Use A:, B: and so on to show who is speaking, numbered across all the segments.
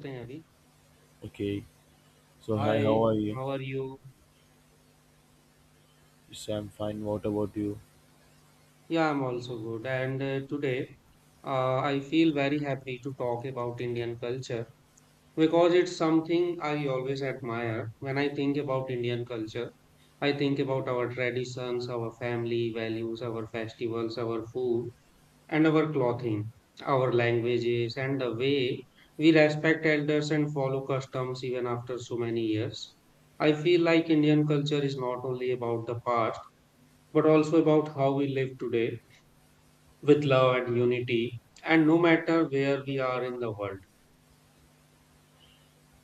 A: Snehavi.
B: Okay, so hi, how
A: Hi,
B: are you?
A: how are you?
B: Yes, I'm fine. What about you?
A: Yeah, I'm also good. And today I feel very happy to talk about Indian culture because it's something I always admire. When I think about Indian culture, I think about our traditions, our family values, our festivals, our food, and our clothing, our languages, and the way we respect elders and follow customs even after so many years. I feel like Indian culture is not only about the past but also about how we live today with love and unity, and no matter where we are in the world.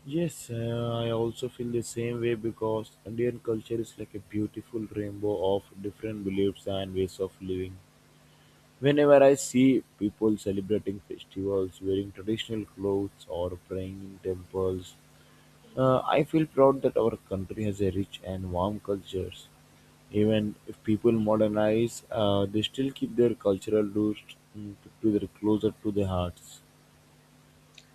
B: Yes, I also feel the same way because Indian culture is like a beautiful rainbow of different beliefs and ways of living. Whenever I see people celebrating festivals, wearing traditional clothes, or praying in temples, I feel proud that our country has a rich and warm cultures. Even if people modernize, they still keep their cultural roots mm, to their closer to their hearts.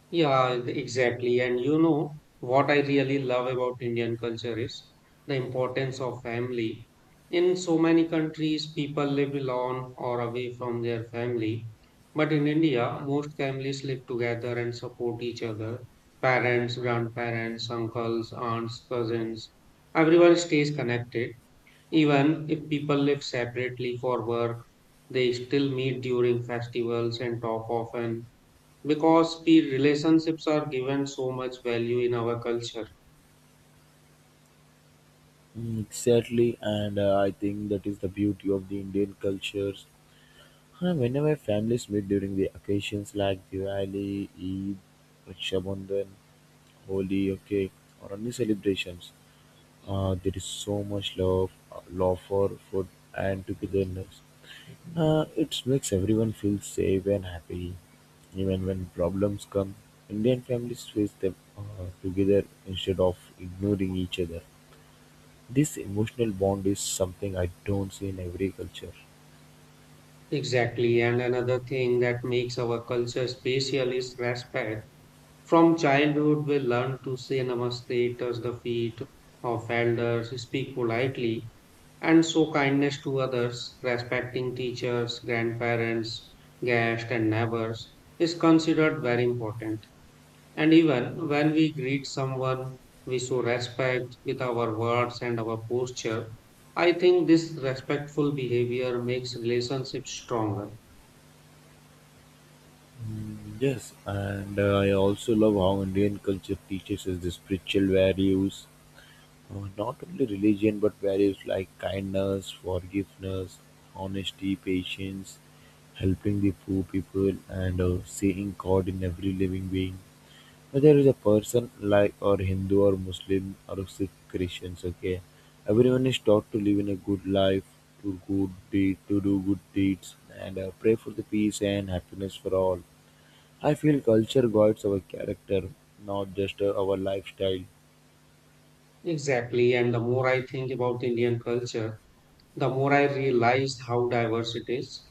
A: Yeah, exactly. And you know what I really love about Indian culture is the importance of family. In so many countries, people live alone or away from their family. But in India, most families live together and support each other. Parents, grandparents, uncles, aunts, cousins, everyone stays connected. Even if people live separately for work, they still meet during festivals and talk often because peer relationships are given so much value in our culture.
B: Exactly, and I think that is the beauty of the Indian cultures. Whenever families meet during the occasions like Diwali, Eid, Raksha Bandhan, Holi, okay, or any celebrations, there is so much love, love for food and togetherness. It makes everyone feel safe and happy. Even when problems come, Indian families face them together instead of ignoring each other. This emotional bond is something I don't see in every culture.
A: Exactly, and another thing that makes our culture special is respect. From childhood, we learn to say namaste, touch the feet of elders, speak politely, and show kindness to others. Respecting teachers, grandparents, guests, and neighbors is considered very important. And even when we greet someone, we show respect with our words and our posture. I think this respectful behavior makes relationships stronger.
B: Yes, and I also love how Indian culture teaches us the spiritual values, not only religion but values like kindness, forgiveness, honesty, patience, helping the poor people, and seeing God in every living being. Whether it's a person like or Hindu or Muslim or Sikh Christians, okay, everyone is taught to live in a good life, to good deed, to do good deeds, and pray for the peace and happiness for all. I feel culture guides our character, not just our lifestyle.
A: Exactly. And the more I think about Indian culture, the more I realized how diverse it is.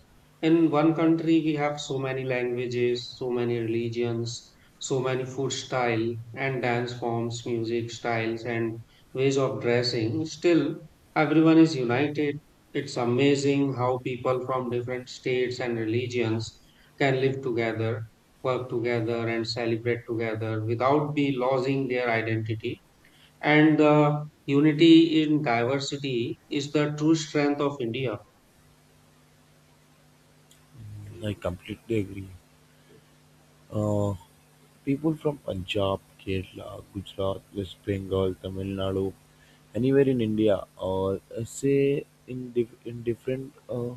A: In one country, we have so many languages, so many religions, so many food style and dance forms, music styles, and ways of dressing. Still, everyone is united. It's amazing how people from different states and religions can live together, work together, and celebrate together without be losing their identity. And the unity in diversity is the true strength of India.
B: I completely agree. Uh, People from Punjab, Kerala, Gujarat, West Bengal, Tamil Nadu, anywhere in India, or say in, in different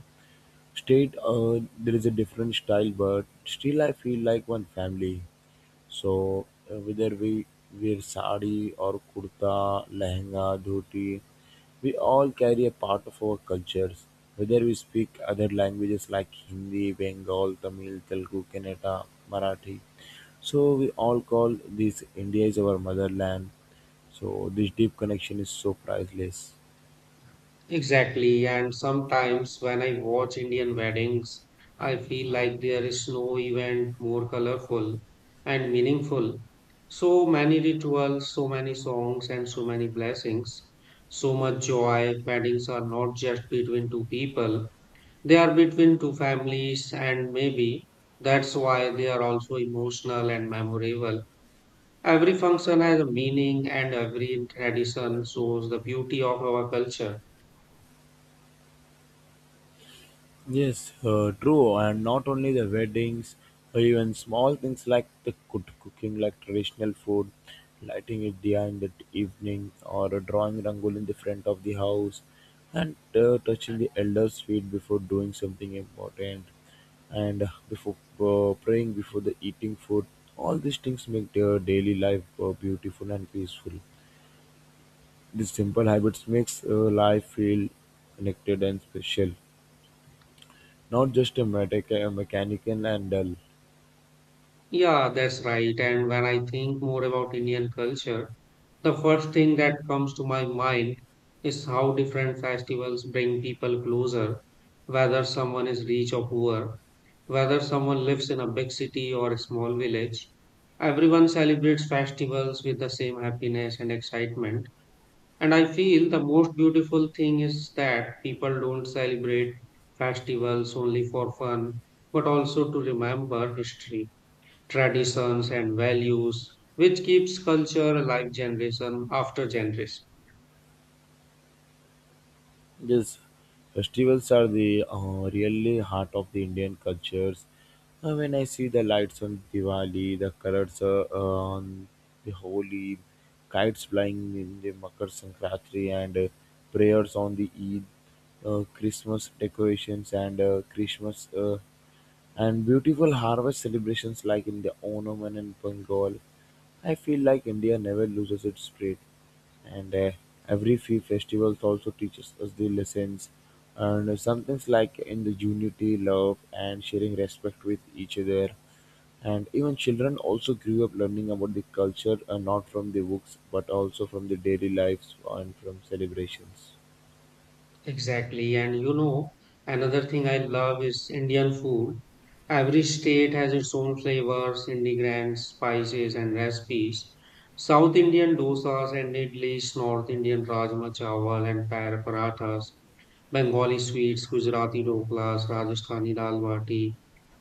B: state there is a different style, but still I feel like one family. So whether we wear sari or kurta, lehenga, dhoti, we all carry a part of our cultures. Whether we speak other languages like Hindi, Bengal, Tamil, Telugu, Kannada, Marathi, so we all call this, India is our motherland. So this deep connection is so priceless.
A: Exactly. And sometimes when I watch Indian weddings, I feel like there is no event more colorful and meaningful. So many rituals, so many songs, and so many blessings. So much joy. Weddings are not just between two people, they are between two families, and maybe that's why they are also emotional and memorable. Every function has a meaning and every tradition shows the beauty of our culture.
B: Yes, true, and not only the weddings, even small things like the cooking, like traditional food, lighting a diya in the evening, or drawing rangoli in the front of the house, and touching the elders' feet before doing something important, and before praying before the eating food. All these things make their daily life beautiful and peaceful. These simple habits makes life feel connected and special, not just a mechanical and dull.
A: Yeah, that's right. And when I think more about Indian culture, the first thing that comes to my mind is how different festivals bring people closer, whether someone is rich or poor, whether someone lives in a big city or a small village. Everyone celebrates festivals with the same happiness and excitement. And I feel the most beautiful thing is that people don't celebrate festivals only for fun, but also to remember history, traditions, and values, which keeps culture alive generation after generation.
B: Yes, festivals are the really heart of the Indian cultures. When I see the lights on Diwali, the colors on the Holi, kites flying in the Makar Sankranti, and prayers on the Eid, Christmas decorations and Christmas. And beautiful harvest celebrations like in the Oman and in Bengal. I feel like India never loses its spirit, and every few festivals also teaches us the lessons and some things like in the unity, love, and sharing respect with each other. And even children also grew up learning about the culture, not from the books, but also from the daily lives and from celebrations.
A: Exactly. And you know, another thing I love is Indian food. Every state has its own flavors, ingredients, spices, and recipes. South Indian dosas and idlis, North Indian rajma chawal and parathas, Bengali sweets, Gujarati doklas, Rajasthani dal bati,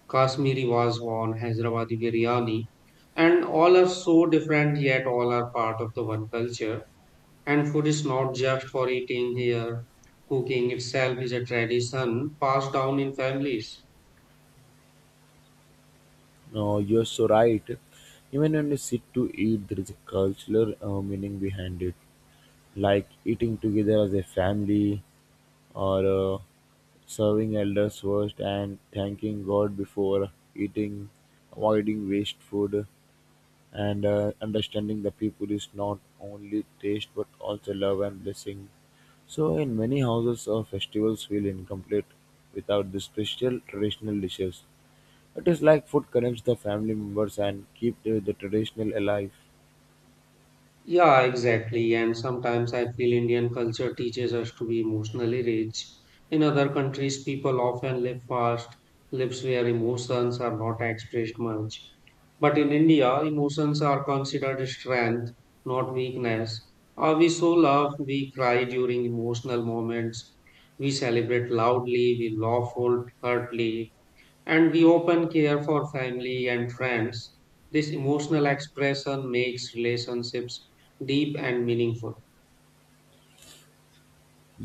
A: Kashmiri wazwan, Hyderabadi biryani, and all are so different yet all are part of the one culture. And food is not just for eating here. Cooking itself is a tradition passed down in families.
B: No, you're so right. Even when we sit to eat, there is a cultural meaning behind it, like eating together as a family or serving elders first and thanking God before eating, avoiding waste food, and understanding the people is not only taste but also love and blessing. So, in many houses, festivals feel incomplete without the special traditional dishes. It is like food connects the family members and keep the traditional alive.
A: Yeah, exactly. And sometimes I feel Indian culture teaches us to be emotionally rich. In other countries, people often live fast lives where emotions are not expressed much. But in India, emotions are considered strength, not weakness. We show love, we cry during emotional moments, we celebrate loudly, we laugh hurtly, and we open care for family and friends. This emotional expression makes relationships deep and meaningful.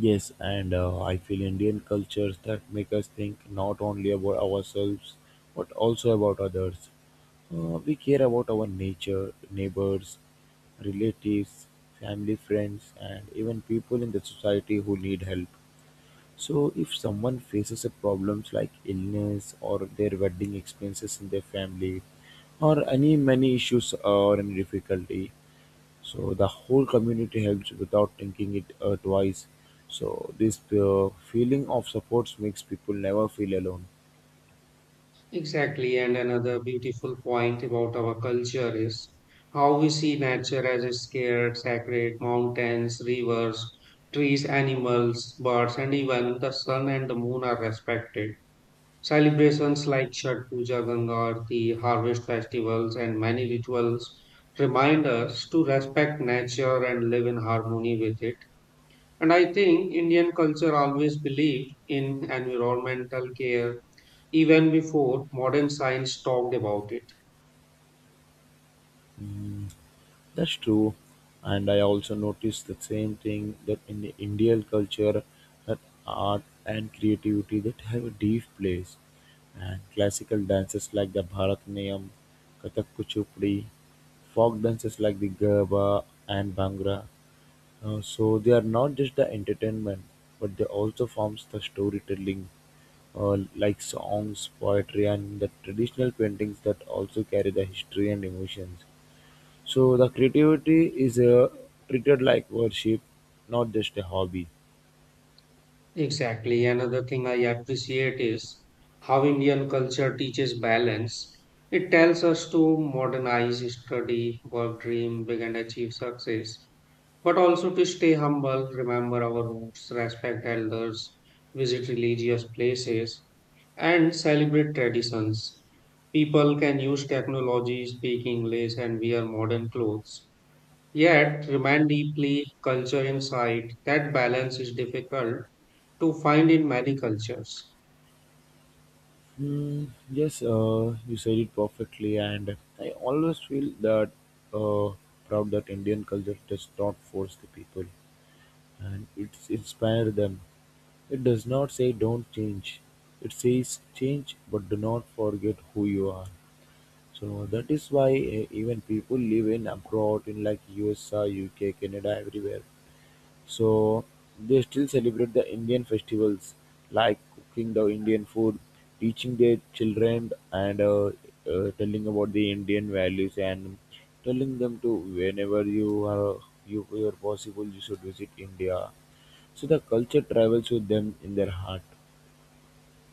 B: Yes, and I feel Indian cultures that make us think not only about ourselves but also about others. We care about our nature, neighbors, relatives, family, friends, and even people in the society who need help. So, if someone faces a problems like illness or their wedding expenses in their family, or any many issues or any difficulty, so the whole community helps without thinking it twice. So this feeling of support makes people never feel alone.
A: Exactly, and another beautiful point about our culture is how we see nature as a scared, sacred. Mountains, rivers, trees, animals, birds, and even the sun and the moon are respected. Celebrations like Chhat Puja, Ganga Aarti, harvest festivals, and many rituals remind us to respect nature and live in harmony with it. And I think Indian culture always believed in environmental care even before modern science talked about it.
B: That's true, and I also noticed the same thing that in the Indian culture, that art and creativity that have a deep place, and classical dances like the Bharatanatyam, Kathak, Kuchipudi, folk dances like the Garba and Bhangra. So they are not just the entertainment, but they also forms the storytelling, like songs, poetry, and the traditional paintings that also carry the history and emotions. So the creativity is treated like worship, not just a hobby.
A: Exactly. Another thing I appreciate is how Indian culture teaches balance. It tells us to modernize, study, work, dream big, and achieve success, but also to stay humble, remember our roots, respect elders, visit religious places, and celebrate traditions. People can use technology, speak English, and wear modern clothes, yet remain deeply culture inside. That balance is difficult to find in many cultures.
B: Yes, you said it perfectly, and I always feel that uh, proud that Indian culture does not force the people, and it's inspired them. It does not say don't change. It says change, but do not forget who you are. So that is why even people live in abroad in like USA, UK, Canada, everywhere. So they still celebrate the Indian festivals like cooking the Indian food, teaching their children, and telling about the Indian values and telling them to whenever you are, you are possible, you should visit India. So the culture travels with them in their heart.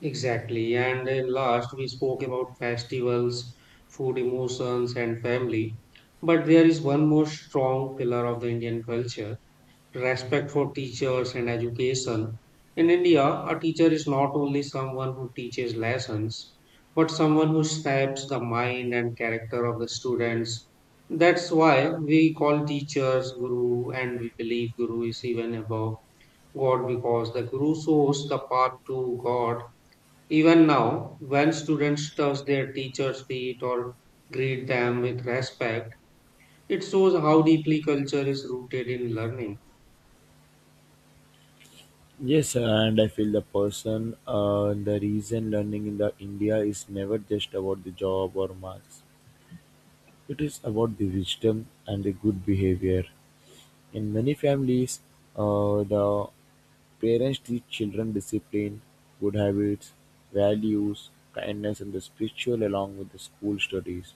A: Exactly. And last, we spoke about festivals, food, emotions, and family. But there is one more strong pillar of the Indian culture: respect for teachers and education. In India, a teacher is not only someone who teaches lessons, but someone who shapes the mind and character of the students. That's why we call teachers guru, and we believe guru is even above God, because the guru shows the path to God. Even now, when students touch their teacher's feet or greet them with respect, it shows how deeply culture is rooted in learning.
B: Yes, and I feel the person, the reason learning in the India is never just about the job or marks. It is about the wisdom and the good behavior. In many families, the parents teach children discipline, good habits, values, kindness, and the spiritual along with the school studies.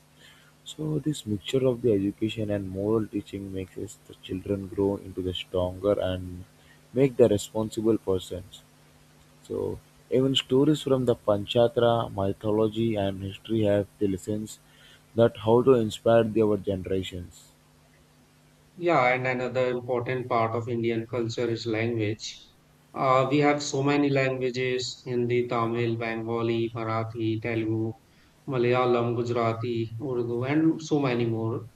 B: So, this mixture of the education and moral teaching makes us the children grow into the stronger and make the responsible persons. So, even stories from the Panchatra, mythology, and history have the lessons that how to inspire the, our generations.
A: Yeah, and another important part of Indian culture is language. We have so many languages: Hindi, Tamil, Bengali, Marathi, Telugu, Malayalam, Gujarati, Urdu, and so many more.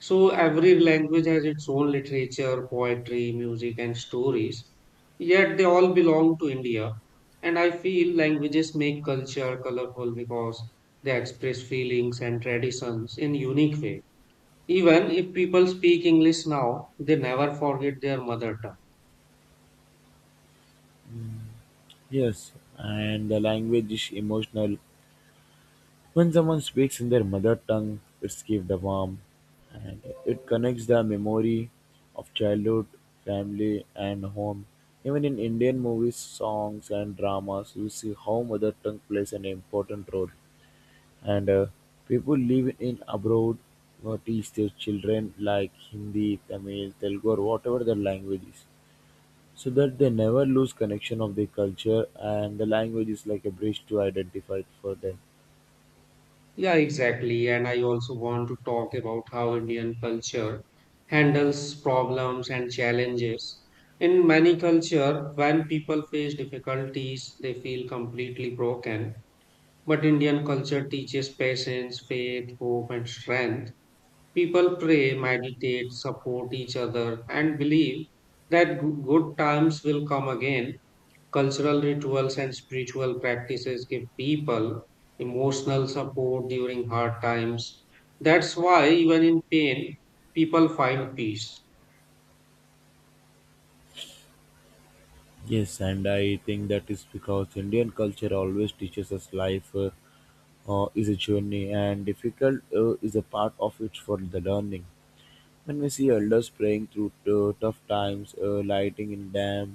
A: So, every language has its own literature, poetry, music, and stories. Yet, they all belong to India. And I feel languages make culture colorful because they express feelings and traditions in unique way. Even if people speak English now, they never forget their mother tongue.
B: Yes, and the language is emotional. When someone speaks in their mother tongue, it's gives the warmth and it connects the memory of childhood, family, and home. Even in Indian movies, songs, and dramas, you see how mother tongue plays an important role. And people live in abroad or teach their children like Hindi, Tamil, Telugu, or whatever their language is, so that they never lose connection of their culture and the language is like a bridge to identify for them.
A: Yeah, exactly. And I also want to talk about how Indian culture handles problems and challenges. In many culture, when people face difficulties, they feel completely broken. But Indian culture teaches patience, faith, hope, and strength. People pray, meditate, support each other, and believe that good times will come again. Cultural rituals and spiritual practices give people emotional support during hard times. That's why, even in pain, people find peace.
B: Yes, and I think that is because Indian culture always teaches us life is a journey and difficult is a part of it for the learning. When we see elders praying through tough times, lighting in dam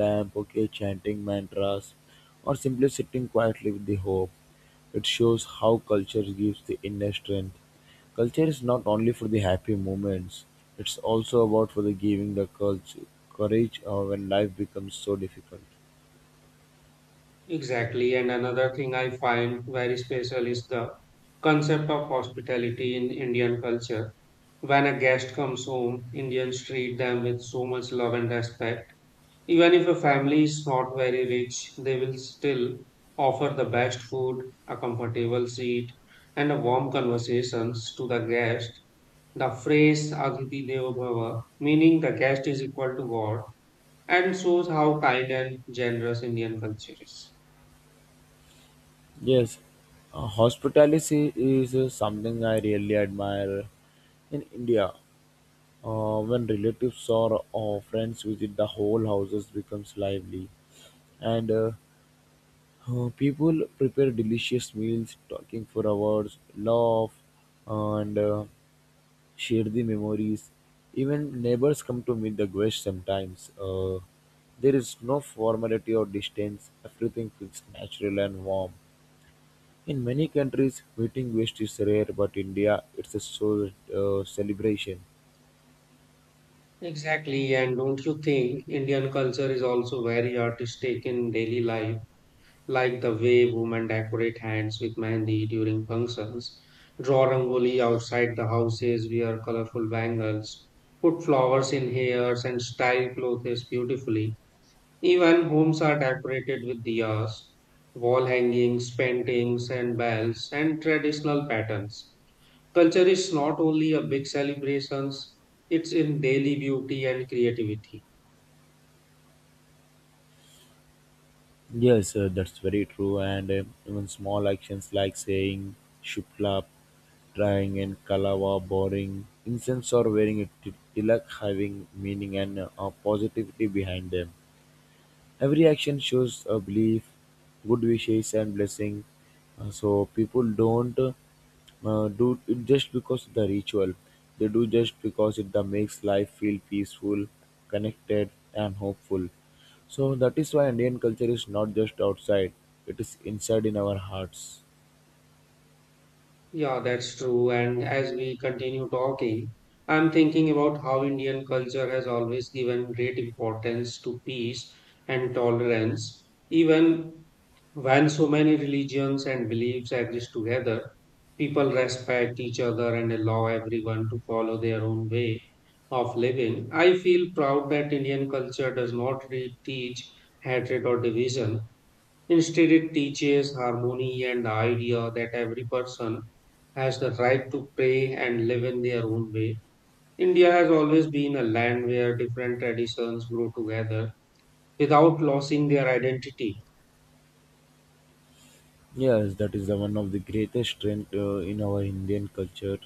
B: lamp, okay, chanting mantras, or simply sitting quietly with the hope, it shows how culture gives the inner strength. Culture is not only for the happy moments; it's also about for the giving the culture courage when life becomes so difficult.
A: Exactly. And another thing I find very special is the concept of hospitality in Indian culture. When a guest comes home, Indians treat them with so much love and respect. Even if a family is not very rich, they will still offer the best food, a comfortable seat, and a warm conversations to the guest. The phrase Aditi Deva Bhava, meaning the guest is equal to God, and shows how kind and generous Indian culture is.
B: Yes, hospitality is something I really admire in India. When relatives or friends visit, the whole houses becomes lively, and people prepare delicious meals, talking for hours, laugh, and share the memories. Even neighbors come to meet the guests sometimes. There is no formality or distance. Everything feels natural and warm. In many countries, meeting guests is rare, but India, it's a soul celebration.
A: Exactly, and don't you think Indian culture is also very artistic in daily life? Like the way women decorate hands with mehndi during functions, draw rangoli outside the houses, wear colorful bangles, put flowers in hairs, and style clothes beautifully. Even homes are decorated with diyas, wall hangings, paintings, and bells, and traditional patterns. Culture is not only a big celebrations, it's in daily beauty and creativity.
B: Yes, that's very true. And even small actions like saying shuplap, trying and kalawa, boring, incense or wearing a tilak having meaning and a positivity behind them. Every action shows a belief, good wishes, and blessing. So people don't do it just because of the ritual. They do just because it that makes life feel peaceful, connected, and hopeful. So that is why Indian culture is not just outside; it is inside in our hearts.
A: Yeah, that's true. And as we continue talking, I'm thinking about how Indian culture has always given great importance to peace and tolerance. Even when so many religions and beliefs exist together, people respect each other and allow everyone to follow their own way of living. I feel proud that Indian culture does not teach hatred or division. Instead, it teaches harmony and the idea that every person has the right to pray and live in their own way. India has always been a land where different traditions grow together without losing their identity.
B: Yes, that is the one of the greatest strength in our Indian culture.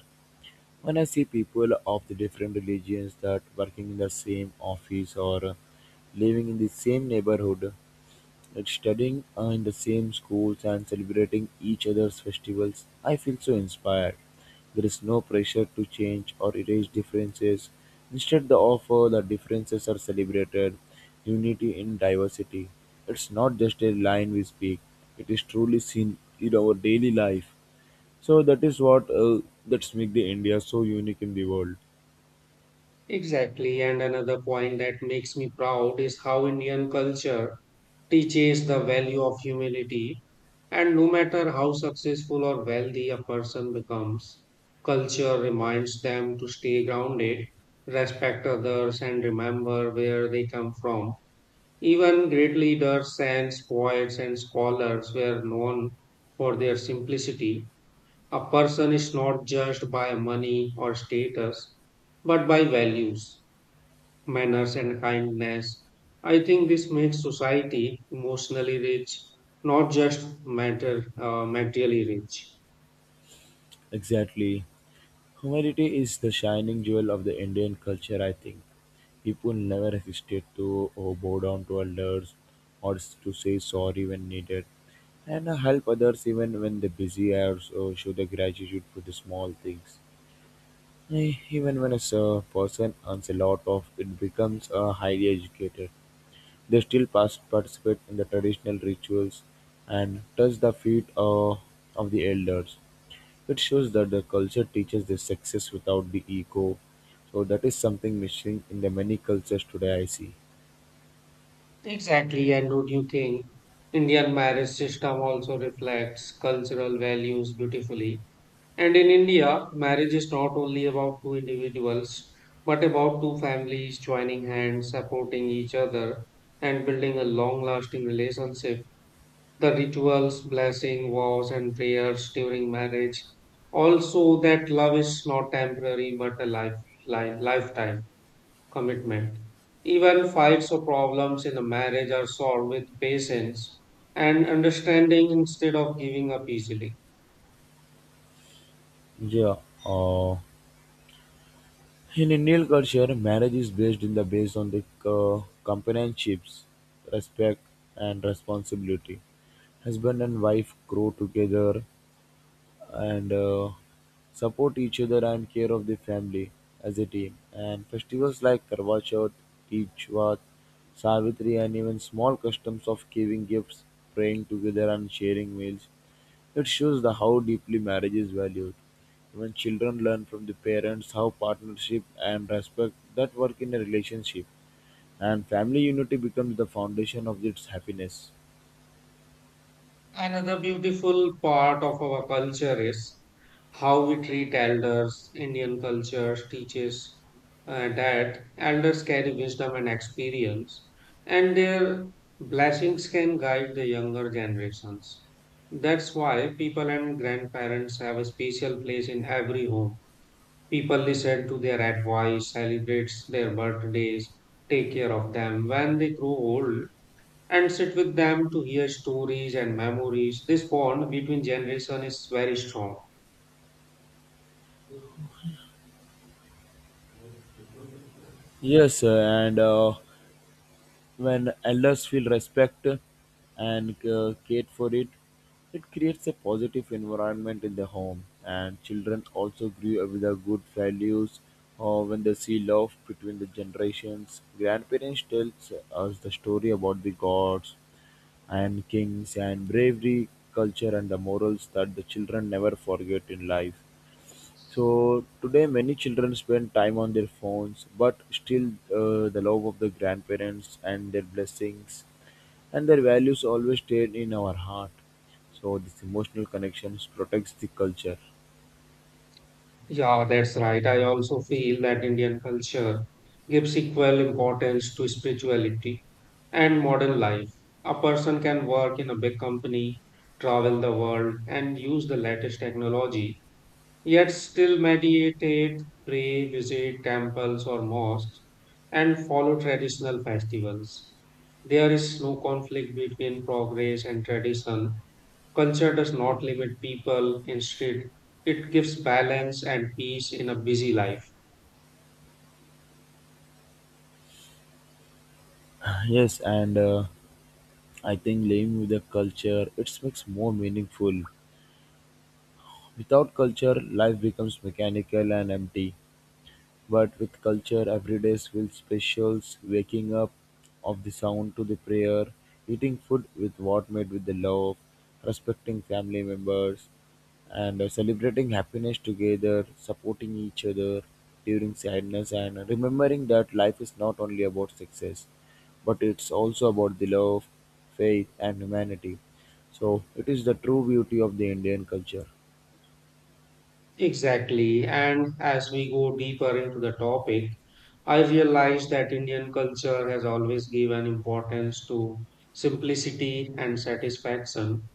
B: When I see people of the different religions that working in the same office or living in the same neighborhood, like studying in the same schools and celebrating each other's festivals, I feel so inspired. There is no pressure to change or erase differences. Instead, the offer the differences are celebrated, unity in diversity. It's not just a line we speak, it is truly seen in our daily life. So that is what that's make the India so unique in the world.
A: Exactly, and another point that makes me proud is how Indian culture teaches the value of humility. And no matter how successful or wealthy a person becomes, culture reminds them to stay grounded, respect others, and remember where they come from. Even great leaders, saints, poets, and scholars were known for their simplicity. A person is not judged by money or status, but by values, manners, and kindness. I think this makes society emotionally rich, not just materially rich.
B: Exactly. Humanity is the shining jewel of the Indian culture, I think. People never hesitate to bow down to elders or to say sorry when needed and help others even when they're busy or so show their gratitude for the small things. Even when a person earns a lot of, it becomes highly educated. They still pass participate in the traditional rituals and touch the feet of the elders. It shows that the culture teaches the success without the ego. So that is something missing in the many cultures today I see.
A: Exactly. And would you think Indian marriage system also reflects cultural values beautifully? And in India, marriage is not only about two individuals, but about two families joining hands, supporting each other, and building a long lasting relationship. The rituals, blessing, vows, and prayers during marriage also that love is not temporary but a lifetime commitment. Even fights or problems in a marriage are solved with patience and understanding instead of giving up easily.
B: Yeah. Uh, in Indian culture, marriage is based in the based on the companionships, respect, and responsibility. Husband and wife grow together and support each other and care of the family as a team. And festivals like Karwa Chauth, Teej Vaat, Savitri, and even small customs of giving gifts, praying together, and sharing meals. It shows the how deeply marriage is valued. When children learn from the parents how partnership and respect that work in a relationship, and family unity becomes the foundation of its happiness.
A: Another beautiful part of our culture is how we treat elders. Indian culture teaches that elders carry wisdom and experience, and their blessings can guide the younger generations. That's why people and grandparents have a special place in every home. People listen to their advice, celebrates their birthdays, take care of them when they grow old, and sit with them to hear stories and memories. This bond between generation is very strong.
B: Yes, sir, and when elders feel respect and cared for it, it creates a positive environment in the home, and children also grow up with the good values. Or when they see love between the generations, grandparents tells us the story about the gods and kings and bravery, culture, and the morals that the children never forget in life. So today, many children spend time on their phones, but still, the love of the grandparents and their blessings and their values always stay in our heart. So this emotional connections protects the culture.
A: Yeah, that's right. I also feel that Indian culture gives equal importance to spirituality and modern life. A person can work in a big company, travel the world, and use the latest technology yet still meditate, pray, visit temples or mosques, and follow traditional festivals. There is no conflict between progress and tradition. Culture does not limit people, instead, it gives balance and peace in a busy life.
B: Yes, and I think living with the culture it makes more meaningful. Without culture, life becomes mechanical and empty. But with culture, every day feels specials. Waking up of the sound to the prayer, eating food with what made with the love, respecting family members, and celebrating happiness together, supporting each other during sadness, and remembering that life is not only about success, but it's also about the love, faith, and humanity. So, it is the true beauty of the Indian culture.
A: Exactly, and as we go deeper into the topic, I realize that Indian culture has always given importance to simplicity and satisfaction.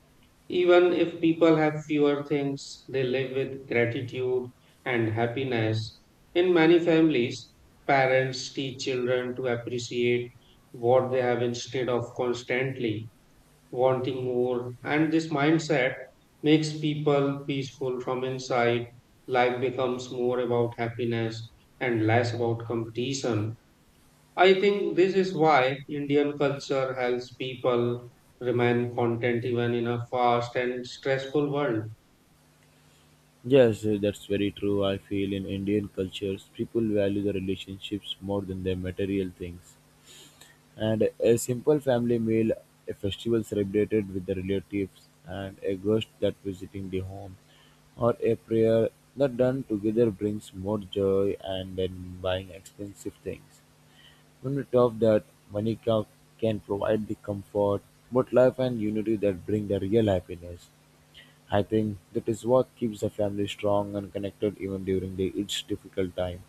A: Even if people have fewer things, they live with gratitude and happiness. In many families, parents teach children to appreciate what they have instead of constantly wanting more, and this mindset makes people peaceful from inside. Life becomes more about happiness and less about competition. I think this is why Indian culture helps people remain content even in a fast and stressful world.
B: Yes, that's very true. I feel in Indian cultures, people value the relationships more than their material things. And a simple family meal, a festival celebrated with the relatives, and a guest that visiting the home, or a prayer that done together brings more joy and than buying expensive things. When we talk that money ca- can provide the comfort, but love and unity that bring the real happiness. I think that is what keeps the family strong and connected even during the, its difficult time.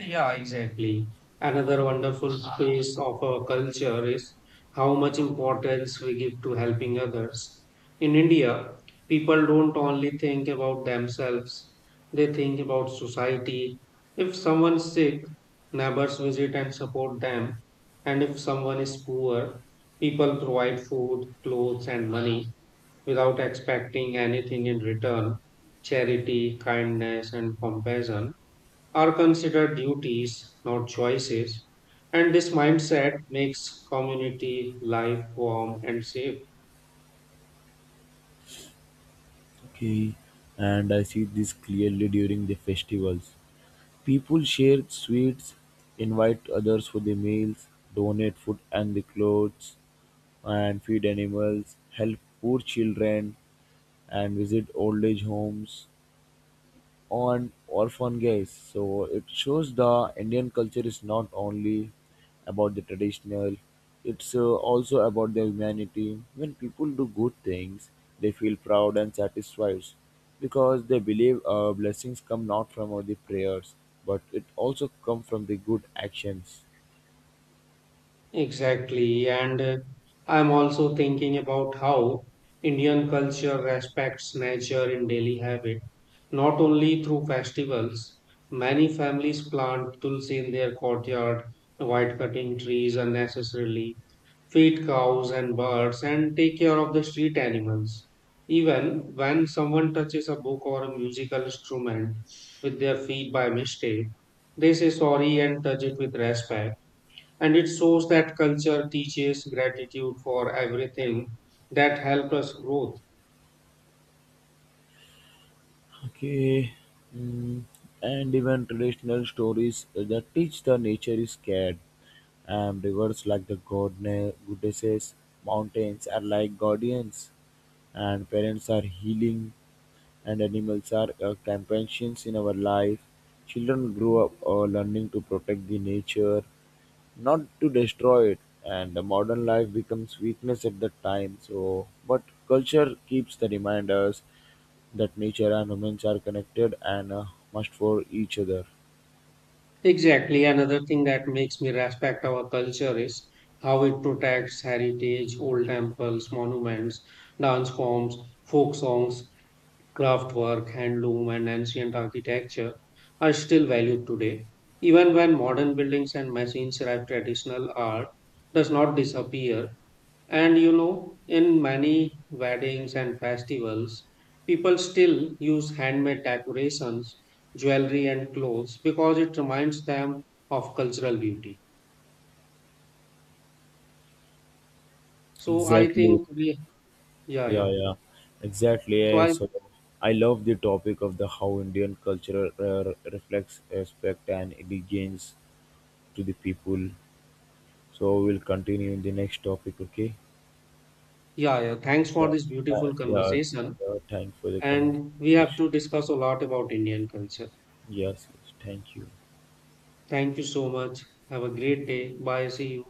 A: Yeah, exactly. Another wonderful piece of our culture is how much importance we give to helping others. In India, people don't only think about themselves, they think about society. If someone's sick, neighbors visit and support them. And if someone is poor, people provide food, clothes, and money without expecting anything in return. Charity, kindness, and compassion are considered duties, not choices, and this mindset makes community life warm and safe.
B: Okay, and I see this clearly during the festivals. People share sweets, invite others for the meals, donate food and the clothes, and feed animals, help poor children, and visit old age homes. On orphan guys. So it shows the Indian culture is not only about the traditional, it's also about the humanity. When people do good things, they feel proud and satisfied because they believe blessings come not from all the prayers, but it also come from the good actions.
A: Exactly, and I'm also thinking about how Indian culture respects nature in daily habit, not only through festivals. Many families plant tulsi in their courtyard, avoid cutting trees unnecessarily, feed cows and birds, and take care of the street animals. Even when someone touches a book or a musical instrument with their feet by mistake, they say sorry and touch it with respect. And it shows that culture teaches gratitude for everything that helps us growth.
B: Okay. Mm. And even traditional stories that teach the nature is scared. And rivers like the goddesses, mountains are like guardians, and parents are healing, and animals are companions in our life. Children grow up learning to protect the nature, not to destroy it. And the modern life becomes weakness at that time. So, but culture keeps the reminders that nature and humans are connected and must for each other.
A: Exactly. Another thing that makes me respect our culture is how it protects heritage, old temples, monuments, dance forms, folk songs, craftwork, handloom, and ancient architecture are still valued today, even when modern buildings and machines drive traditional art does not disappear. And you know, in many weddings and festivals, people still use handmade decorations, jewelry, and clothes because it reminds them of cultural beauty. So I
B: Exactly,
A: think we, yeah,
B: yeah,
A: yeah.
B: yeah, exactly.
A: So
B: Eh.
A: I,
B: So I love the topic of the how Indian culture reflects respect and allegiance to the people. So we'll continue in the next topic. Okay.
A: yeah, yeah. Thanks
B: Yeah,
A: for this
B: yeah,
A: beautiful
B: yeah.
A: conversation,
B: Yeah, thank for the
A: and we have
B: conversation.
A: to discuss a lot about Indian culture.
B: Yes, yes. Thank you.
A: Thank you so much. Have a great day. Bye. See you.